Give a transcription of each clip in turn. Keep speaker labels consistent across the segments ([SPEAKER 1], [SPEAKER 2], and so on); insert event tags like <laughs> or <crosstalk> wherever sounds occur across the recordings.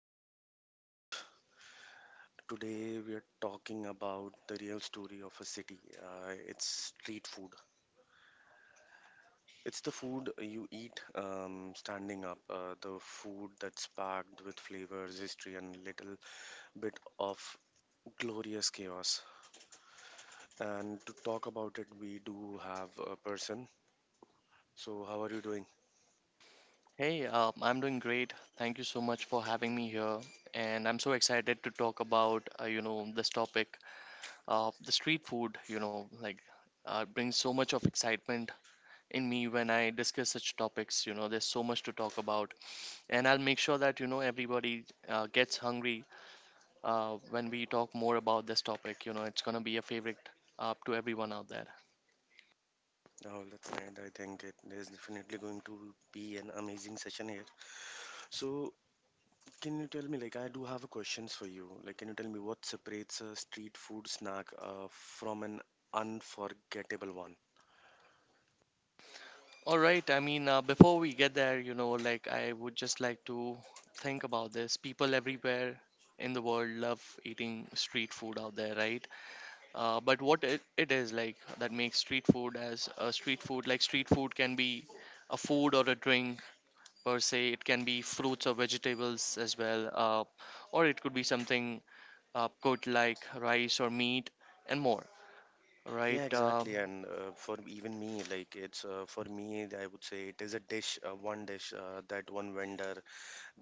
[SPEAKER 1] welcome to the podcast. Today we are talking about the real story of a city. It's street food. It's the food you eat standing up, the food that's packed with flavors, history, and little bit of glorious chaos. And to talk about it, we do have a person. So, how are you doing?
[SPEAKER 2] Hey, I'm doing great. Thank you so much for having me here, and I'm so excited to talk about this topic, the street food. Brings so much of excitement in me when I discuss such topics. You know, there's so much to talk about, and I'll make sure that you know everybody gets hungry when we talk more about this topic. You know, it's gonna be a favorite to everyone out there.
[SPEAKER 1] Oh, that's right. I think it is definitely going to be an amazing session here. So, can you tell me, like, I do have a questions for you. Like, can you tell me what separates a street food snack from an unforgettable one?
[SPEAKER 2] All right. I mean, before we get there, you know, like I would just like to think about this. People everywhere in the world love eating street food out there, right? But what it is like that makes street food as a street food, like street food can be a food or a drink per se. It can be fruits or vegetables as well, or it could be something cooked like rice or meat and more,
[SPEAKER 1] Yeah,
[SPEAKER 2] right?
[SPEAKER 1] exactly. And for even me, like, it's for me, I would say it is a dish, one dish, that one vendor,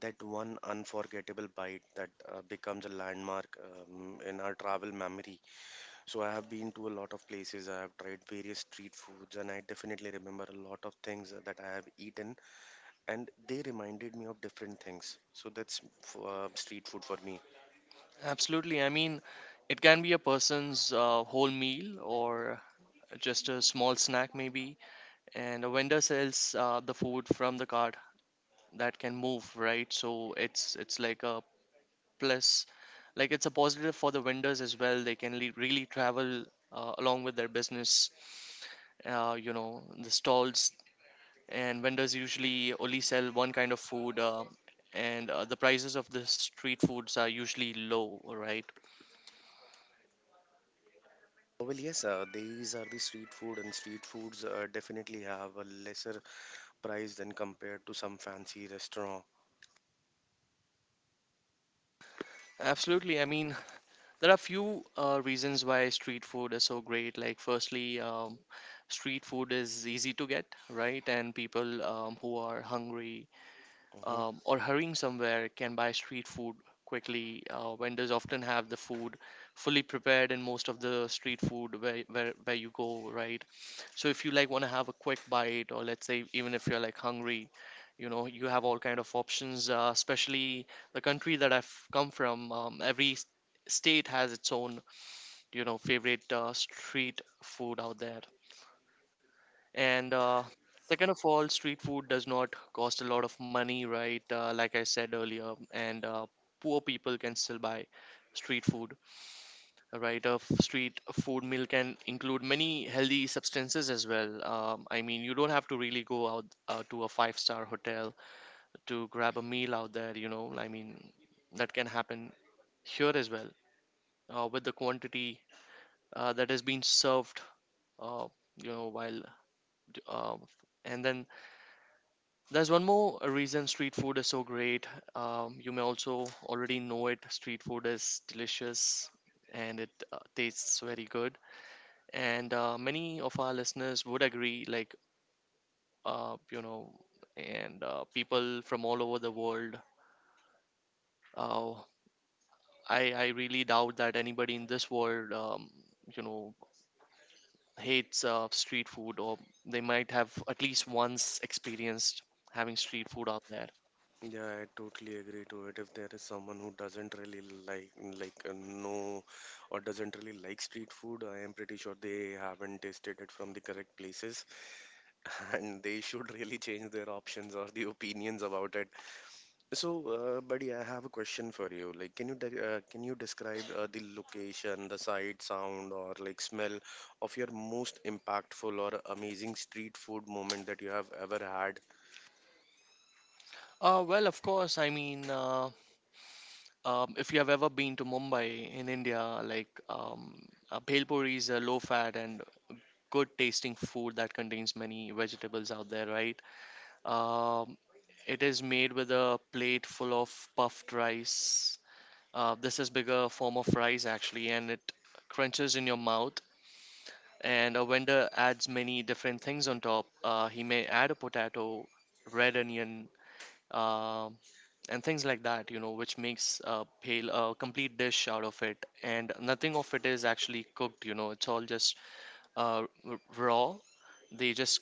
[SPEAKER 1] that one unforgettable bite that becomes a landmark in our travel memory. So I have been to a lot of places. I have tried various street foods, and I definitely remember a lot of things that I have eaten and they reminded me of different things. So that's street food for me.
[SPEAKER 2] Absolutely. I mean, it can be a person's whole meal or just a small snack, maybe. And a vendor sells the food from the cart that can move, right? So it's like a plus, like it's a positive for the vendors as well. They can really travel along with their business. You know, the stalls and vendors usually only sell one kind of food, and the prices of the street foods are usually low, right?
[SPEAKER 1] Well, yes, these are the street food, and street foods definitely have a lesser price than compared to some fancy restaurant.
[SPEAKER 2] Absolutely. I mean, there are few reasons why street food is so great. Like, firstly, street food is easy to get, right? And people who are hungry
[SPEAKER 1] Hmm.
[SPEAKER 2] or hurrying somewhere can buy street food quickly. Vendors often have the food fully prepared in most of the street food where you go, right? So if you like want to have a quick bite, or let's say even if you're like hungry, you know you have all kind of options. Especially the country that I've come from, every state has its own you know favorite street food out there. And second of all, street food does not cost a lot of money, right? Like I said earlier, and poor people can still buy street food, right? A street food meal can include many healthy substances as well. I mean, you don't have to really go out to a five-star hotel to grab a meal out there, you know. I mean, that can happen here as well with the quantity that has been served, uh, you know, while uh, and then there's one more reason street food is so great. You may also already know it. Street food is delicious and it tastes very good. And many of our listeners would agree, like, you know, and people from all over the world. Uh, I really doubt that anybody in this world, you know, hates street food or they might have at least once experienced having street food out there.
[SPEAKER 1] Yeah, I totally agree to it. If there is someone who doesn't really like, like, know or doesn't really like street food, I am pretty sure they haven't tasted it from the correct places, <laughs> and they should really change their options or the opinions about it. So, buddy, I have a question for you. Like, can you describe the location, the sight, sound, or like smell of your most impactful or amazing street food moment that you have ever had?
[SPEAKER 2] Well, of course. I mean, if you have ever been to Mumbai in India, bhel puri is a low-fat and good-tasting food that contains many vegetables out there, right? Um, it is made with a plate full of puffed rice. This is bigger form of rice actually, and it crunches in your mouth. And a vendor adds many different things on top. He may add a potato, red onion, um and things like that, you know, which makes a pale a complete dish out of it. And nothing of it is actually cooked, you know, it's all just raw. They just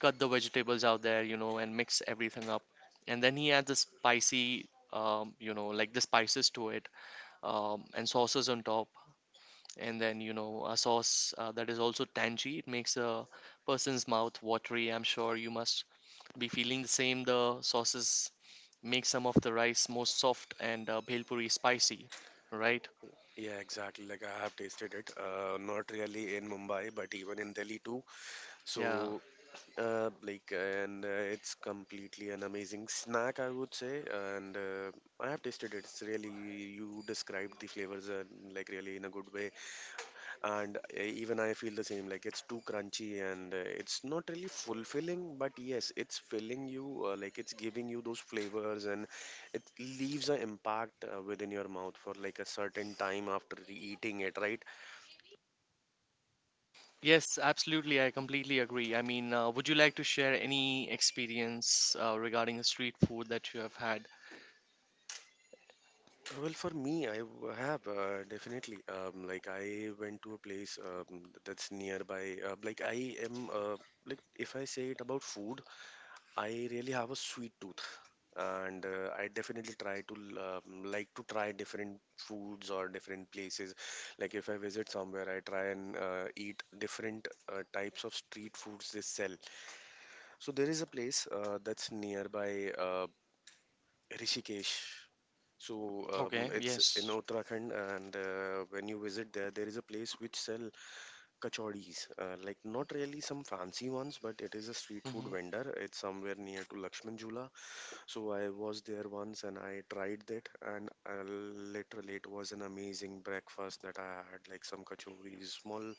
[SPEAKER 2] cut the vegetables out there, you know, and mix everything up. And then he adds the spicy, the spices to it, and sauces on top. And then, you know, a sauce that is also tangy. It makes a person's mouth watery. I'm sure you must be feeling the same. The sauces make some of the rice more soft and bhelpuri spicy, right?
[SPEAKER 1] Yeah, exactly. Like I have tasted it. Not really in Mumbai, but even in Delhi too.
[SPEAKER 2] Yeah.
[SPEAKER 1] So, like, and it's completely an amazing snack, I would say. And I have tasted it. It's really you described the flavors like really in a good way. And even I feel the same, like it's too crunchy and it's not really fulfilling, but yes, it's filling you, like it's giving you those flavors, and it leaves an impact within your mouth for like a certain time after eating it, right?
[SPEAKER 2] Yes, absolutely. I completely agree. I mean, would you like to share any experience regarding the street food that you have had?
[SPEAKER 1] Well, for me, I w- have definitely like I went to a place that's nearby, uh, like i am uh, like if I say it about food, I really have a sweet tooth, and I definitely try like to try different foods or different places. Like if I visit somewhere, I try and eat different types of street foods they sell. So there is a place that's nearby Rishikesh. So
[SPEAKER 2] Okay,
[SPEAKER 1] it's in
[SPEAKER 2] yes.
[SPEAKER 1] Uttarakhand, and when you visit there, there is a place which sell kachoris. Like not really some fancy ones, but it is a street food
[SPEAKER 2] Hmm.
[SPEAKER 1] vendor. It's somewhere near to Lakshman Jhula. So I was there once and I tried that, and literally it was an amazing breakfast that I had, like some kachoris, small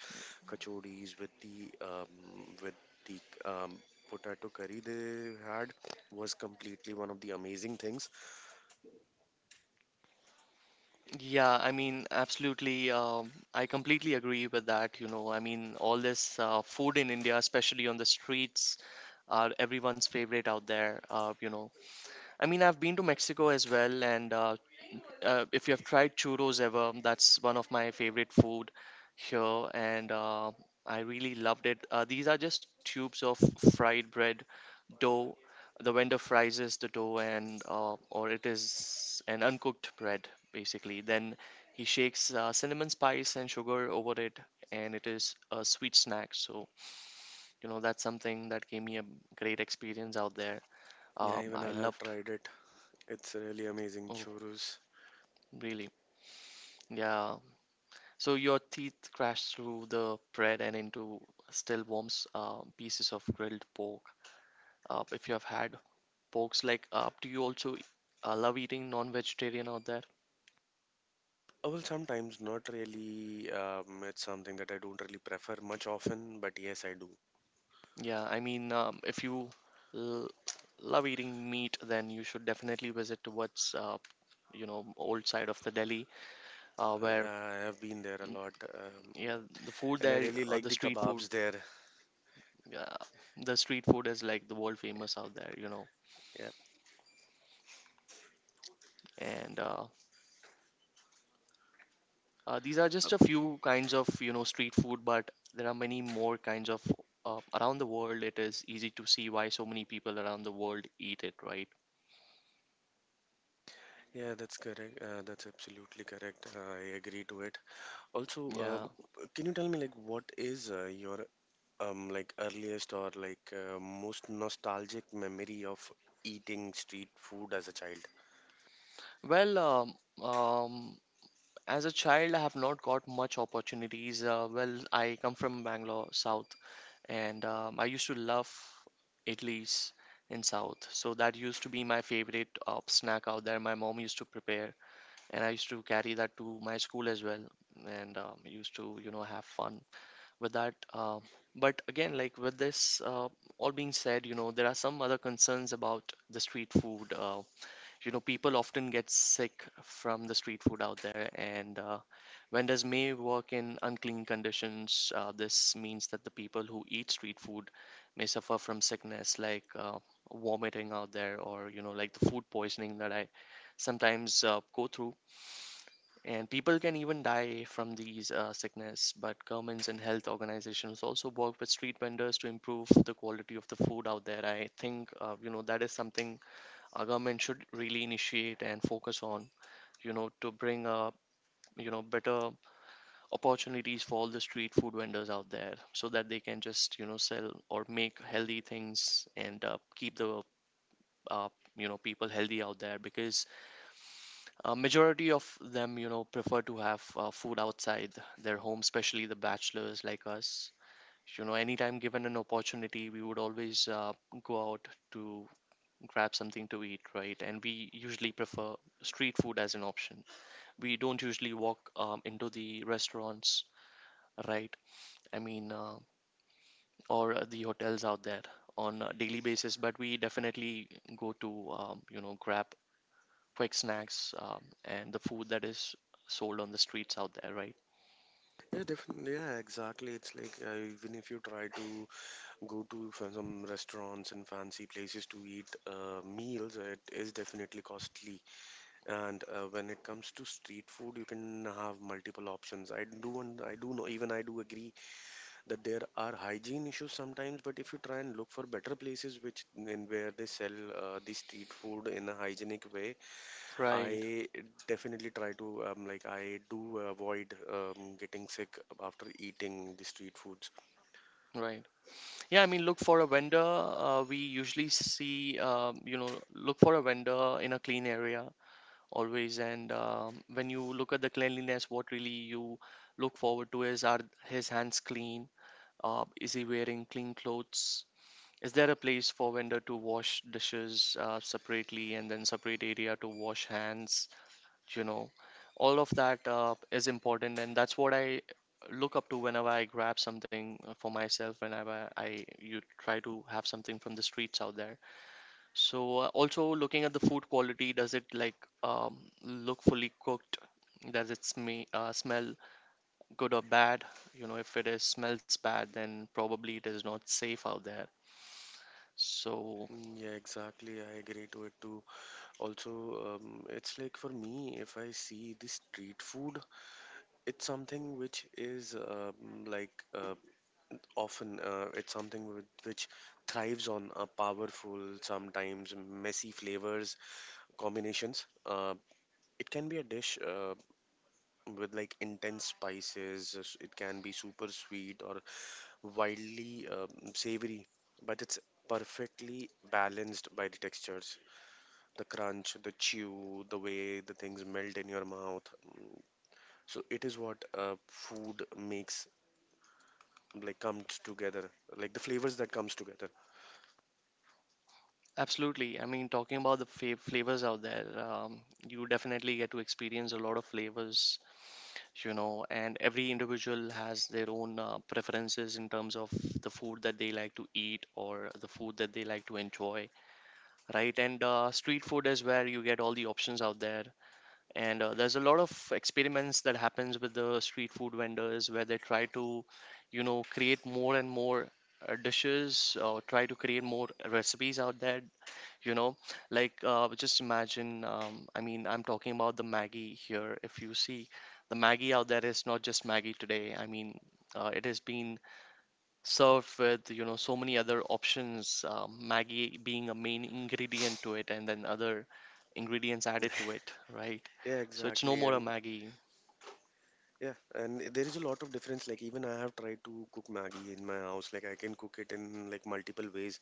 [SPEAKER 1] kachoris with the potato curry they had, was completely one of the amazing things.
[SPEAKER 2] Yeah, I mean, absolutely. I completely agree with that. You know, I mean, all this food in India, especially on the streets, are everyone's favorite out there. You know, I mean, I've been to Mexico as well, and if you have tried churros ever, that's one of my favorite food here, and I really loved it. These are just tubes of fried bread dough. The vendor fries the dough, and or it is an uncooked bread basically. Then he shakes cinnamon spice and sugar over it, and it is a sweet snack. So you know that's something that gave me a great experience out there.
[SPEAKER 1] Yeah, even
[SPEAKER 2] I
[SPEAKER 1] I have
[SPEAKER 2] loved.
[SPEAKER 1] tried it. It's really amazing
[SPEAKER 2] Oh,
[SPEAKER 1] churros.
[SPEAKER 2] really? Yeah. So your teeth crash through the bread and into still warm pieces of grilled pork. If you have had porks, do you also love eating non-vegetarian out there?
[SPEAKER 1] Well, sometimes not really. It's something that I don't really prefer much often, but yes, I do.
[SPEAKER 2] Yeah, I mean, if you l- love eating meat, then you should definitely visit towards, you know, old side of the Delhi,
[SPEAKER 1] I,
[SPEAKER 2] where
[SPEAKER 1] I have been there a
[SPEAKER 2] mm,
[SPEAKER 1] lot.
[SPEAKER 2] yeah, the food
[SPEAKER 1] And I
[SPEAKER 2] there,
[SPEAKER 1] really like the kebabs there.
[SPEAKER 2] uh, the street food is like the world famous out there, you know,
[SPEAKER 1] Yeah.
[SPEAKER 2] and these are
[SPEAKER 1] Uh,
[SPEAKER 2] just a few kinds of you know street food, but there are many more kinds of around the world. It is easy to see why so many people around the world eat it, right?
[SPEAKER 1] yeah, that's correct. That's absolutely correct. I agree to it. Also,
[SPEAKER 2] Yeah.
[SPEAKER 1] can you tell me like what is your like earliest or most nostalgic memory of eating street food as a child?
[SPEAKER 2] Well, um, as a child, I have not got much opportunities. Well, I come from Bangalore, South, and I used to love idlis in South. So that used to be my favorite snack out there. My mom used to prepare, and I used to carry that to my school as well, and used to you know have fun with that. But again, like with this all being said, you know, there are some other concerns about the street food. You know, people often get sick from the street food out there, and vendors may work in unclean conditions. This means that the people who eat street food may suffer from sickness like vomiting out there, or, you know, like the food poisoning that I sometimes go through and people can even die from these sickness, but governments and health organizations also work with street vendors to improve the quality of the food out there. I think you know that is something our government should really initiate and focus on. You know to bring up you know better opportunities for all the street food vendors out there, so that they can just you know sell or make healthy things and keep the uh, you know people healthy out there because majority of them, you know, prefer to have food outside their home, especially the bachelors like us. You know, anytime given an opportunity, we would always go out to grab something to eat, right? And we usually prefer street food as an option. We don't usually walk into the restaurants, right? I mean, or the hotels out there on a daily basis, but we definitely go to, you know, grab quick snacks and the food that is sold on the streets out there, right?
[SPEAKER 1] Yeah, definitely. Yeah, exactly. It's like even if you try to go to some restaurants and fancy places to eat meals, it is definitely costly. And when it comes to street food, you can have multiple options. I do, and I do know, even I do agree that there are hygiene issues sometimes, but if you try and look for better places which in where they sell the street food in a hygienic way,
[SPEAKER 2] Right,
[SPEAKER 1] I definitely try to like I do avoid getting sick after eating the street foods.
[SPEAKER 2] right. Yeah, I mean, look for a vendor. We usually see, you know, look for a vendor in a clean area always. And when you look at the cleanliness, what really you look forward to is are his hands clean? Is he wearing clean clothes? Is there a place for vendor to wash dishes separately and then separate area to wash hands? you know all of that is important, and that's what I look up to whenever I grab something for myself, whenever I you try to have something from the streets out there. So also looking at the food quality, does it like um, look fully cooked? Does it smell good or bad? You know, if it is smells bad, then probably it is not safe out there. So
[SPEAKER 1] Mm, yeah, exactly. I agree to it too. Also, it's like for me, if I see the street food, it's something which is often, it's something with, which thrives on powerful, sometimes messy flavors combinations. It can be a dish, with like intense spices, it can be super sweet or wildly savory, but it's perfectly balanced by the textures, the crunch, the chew, the way the things melt in your mouth. Mm, so it is what food makes, like comes together, like the flavors that comes together.
[SPEAKER 2] absolutely. I mean, talking about the flavors out there, you definitely get to experience a lot of flavors, you know. And every individual has their own preferences in terms of the food that they like to eat or the food that they like to enjoy, right? And street food is where you get all the options out there. And there's a lot of experiments that happens with the street food vendors, where they try to, you know, create more and more dishes or try to create more recipes out there, you know. Like just imagine, I mean, I'm talking about the Maggie here. If you see, the Maggie out there is not just Maggie today. I mean, it has been served with, you know, so many other options, Maggie being a main ingredient to it, and then other ingredients added to it, right?
[SPEAKER 1] Yeah,
[SPEAKER 2] So it's no
[SPEAKER 1] exactly.
[SPEAKER 2] more a
[SPEAKER 1] And
[SPEAKER 2] Maggie.
[SPEAKER 1] yeah, and there is a lot of difference. Like even I have tried to cook maggie in my house. Like I can cook it in like multiple ways,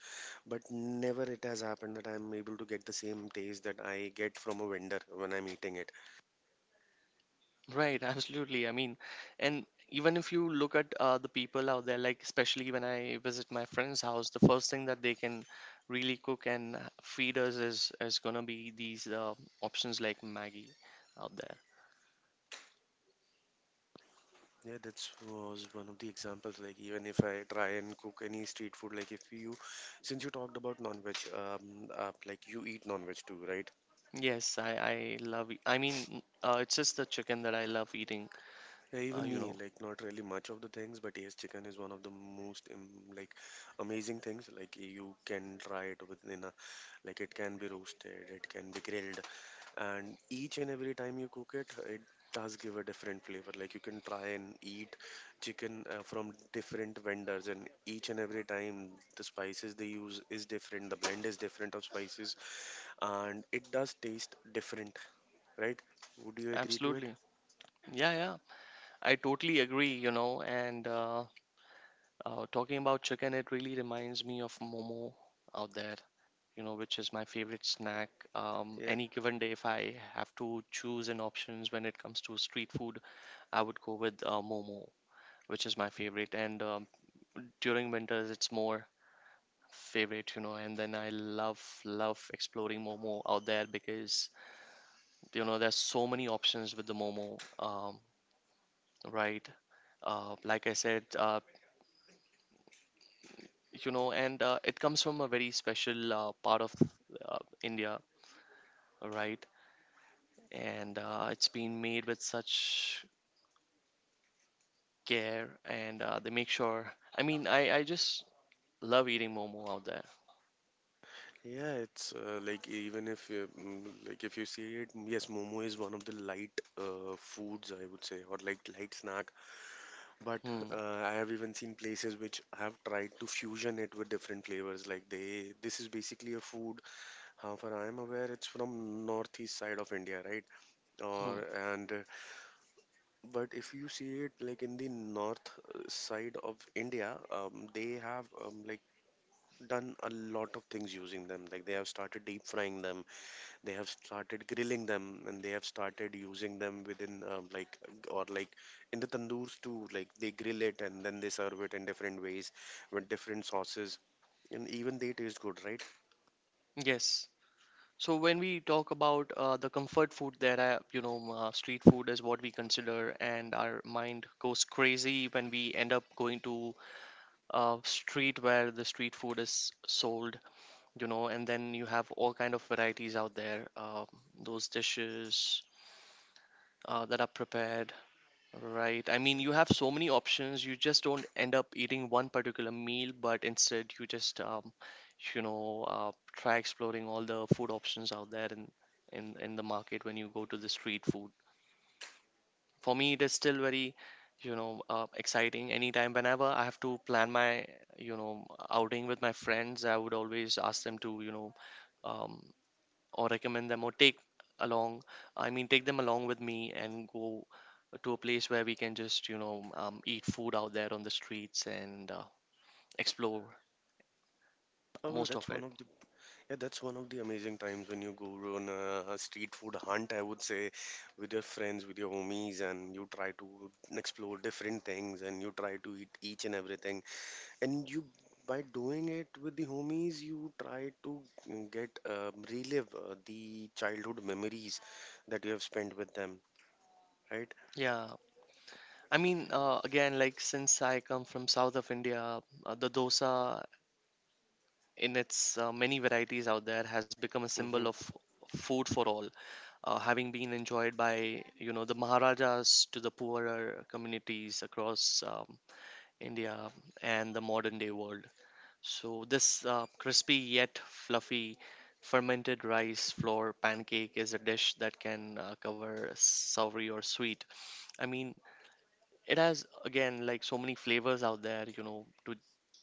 [SPEAKER 1] but never it has happened that I'm able to get the same taste that I get from a vendor when I'm eating it.
[SPEAKER 2] Right, <laughs> absolutely. I mean, and even if you look at the people out there, like especially when I visit my friend's house, the first thing that they can really cook and feed us is gonna be these options like Maggie out there.
[SPEAKER 1] Yeah, that was one of the examples. Like even if I try and cook any street food, like if you, since you talked about non-veg, like you eat non-veg too, right?
[SPEAKER 2] Yes, I love. I mean, it's just the chicken that I love eating.
[SPEAKER 1] Yeah, even
[SPEAKER 2] You
[SPEAKER 1] me,
[SPEAKER 2] know,
[SPEAKER 1] like not really much of the things, but yes, chicken is one of the most like amazing things. Like you can try it within a, like it can be roasted, it can be grilled, and each and every time you cook it, it does give a different flavor. Like you can try and eat chicken from different vendors, and each and every time the spices they use is different, the blend is different of spices, and it does taste different, right? Would you agree to it?
[SPEAKER 2] absolutely. Yeah, yeah. I totally agree. You know, and talking about chicken, it really reminds me of Momo out there. You know, which is my favorite snack. Any given day, if I have to choose an options when it comes to street food, I would go with momo, which is my favorite. And during winters, it's more favorite, you know. And then I love love exploring momo out there, because you know there's so many options with the momo, right? Like I said, you know, and it comes from a very special part of uh, India, right? And it's been made with such care, and they make sure, I mean I just love eating momo out there.
[SPEAKER 1] Yeah, it's like even if you, mm, like if you see it, mm, yes, momo is one of the light foods I would say, or like light snack. But
[SPEAKER 2] Hmm,
[SPEAKER 1] uh, I have even seen places which have tried to fusion it with different flavors. Like they, this is basically a food. How far I am aware, it's from northeast side of India, right?
[SPEAKER 2] hmm.
[SPEAKER 1] Or, and but if you see it like in the north side of India, they have like done a lot of things using them. Like they have started deep frying them, they have started grilling them, and they have started using them within like or like in the tandoors too, like they grill it and then they serve it in different ways with different sauces, and even they taste good, right?
[SPEAKER 2] Yes. So when we talk about the comfort food that I, you know, street food is what we consider, and our mind goes crazy when we end up going to a street where the street food is sold, you know. And then you have all kind of varieties out there, those dishes that are prepared. Right. I mean, you have so many options. You just don't end up eating one particular meal, but instead you just, you know, try exploring all the food options out there in the market when you go to the street food. For me, it is still very, you know, exciting. Anytime, whenever I have to plan my, you know, outing with my friends, I would always ask them to, you know, um, or recommend them or take along, I mean take them along with me, and go to a place where we can just, you know, eat food out there on the streets and explore
[SPEAKER 1] Oh, well,
[SPEAKER 2] most
[SPEAKER 1] that's
[SPEAKER 2] of
[SPEAKER 1] one
[SPEAKER 2] it.
[SPEAKER 1] of the, yeah, that's one of the amazing times when you go on a street food hunt, I would say, with your friends, with your homies, and you try to explore different things and you try to eat each and everything, and you, by doing it with the homies you try to get, relive the childhood memories that you have spent with them, right?
[SPEAKER 2] Yeah, I mean, again, like, since I come from south of India, the dosa in its many varieties out there has become a symbol of
[SPEAKER 1] Hmm.
[SPEAKER 2] food for all, having been enjoyed by, you know, the maharajas to the poorer communities across, India and the modern day world. So this crispy yet fluffy fermented rice flour pancake is a dish that can cover savory or sweet. I mean, it has again, like, so many flavors out there, you know,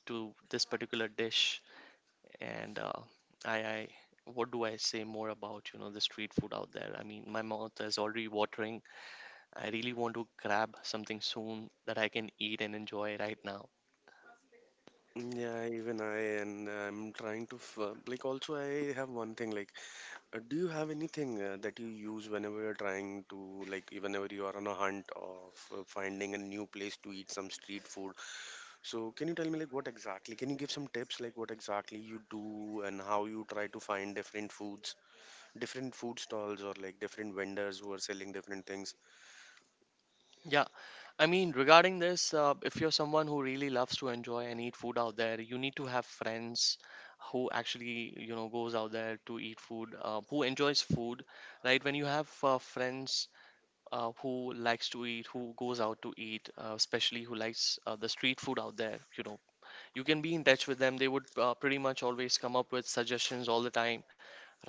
[SPEAKER 2] to this particular dish. And I, I, what do I say more about, you know, the street food out there? I mean, my mouth is already watering. I really want to grab something soon that I can eat and enjoy right now.
[SPEAKER 1] Yeah, even I, and I'm trying to like also I have one thing, like do you have anything that you use whenever you're trying to like, whenever you are on a hunt of finding a new place to eat some street food, so can you tell me like what exactly, can you give some tips like what exactly you do and how you try to find different foods, different food stalls or like different vendors who are selling different things.
[SPEAKER 2] Yeah, I mean, regarding this, if you're someone who really loves to enjoy and eat food out there, you need to have friends who actually, you know, goes out there to eat food, who enjoys food, right? When you have friends who likes to eat, who goes out to eat, especially who likes the street food out there, you know, you can be in touch with them. They would pretty much always come up with suggestions all the time,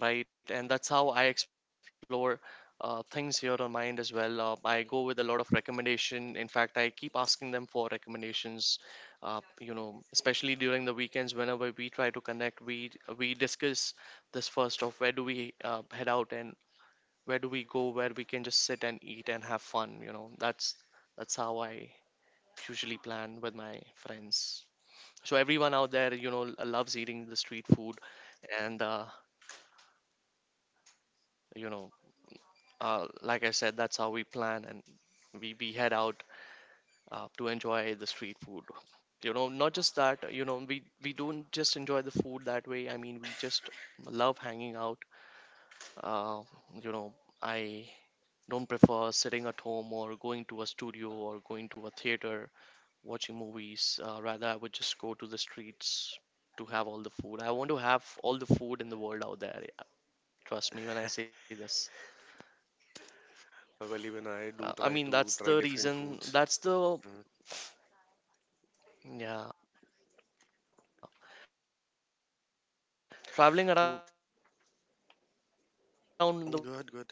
[SPEAKER 2] right? And that's how I explore things here on my end as well. I go with a lot of recommendation. In fact, I keep asking them for recommendations. You know, especially during the weekends, whenever we try to connect, we discuss this first of where do we head out and where do we go where we can just sit and eat and have fun. You know, that's how I usually plan with my friends. So everyone out there, you know, loves eating the street food, and you know, like I said, that's how we plan and we head out to enjoy the street food. You know, not just that, you know, we don't just enjoy the food that way. I mean, we just love hanging out. Uh, you know, I don't prefer sitting at home or going to a studio or going to a theater watching movies. Rather, I would just go to the streets to have all the food. I want to have all the food in the world out there.
[SPEAKER 1] Well, even I do try to try different foods. Uh, so, good, good.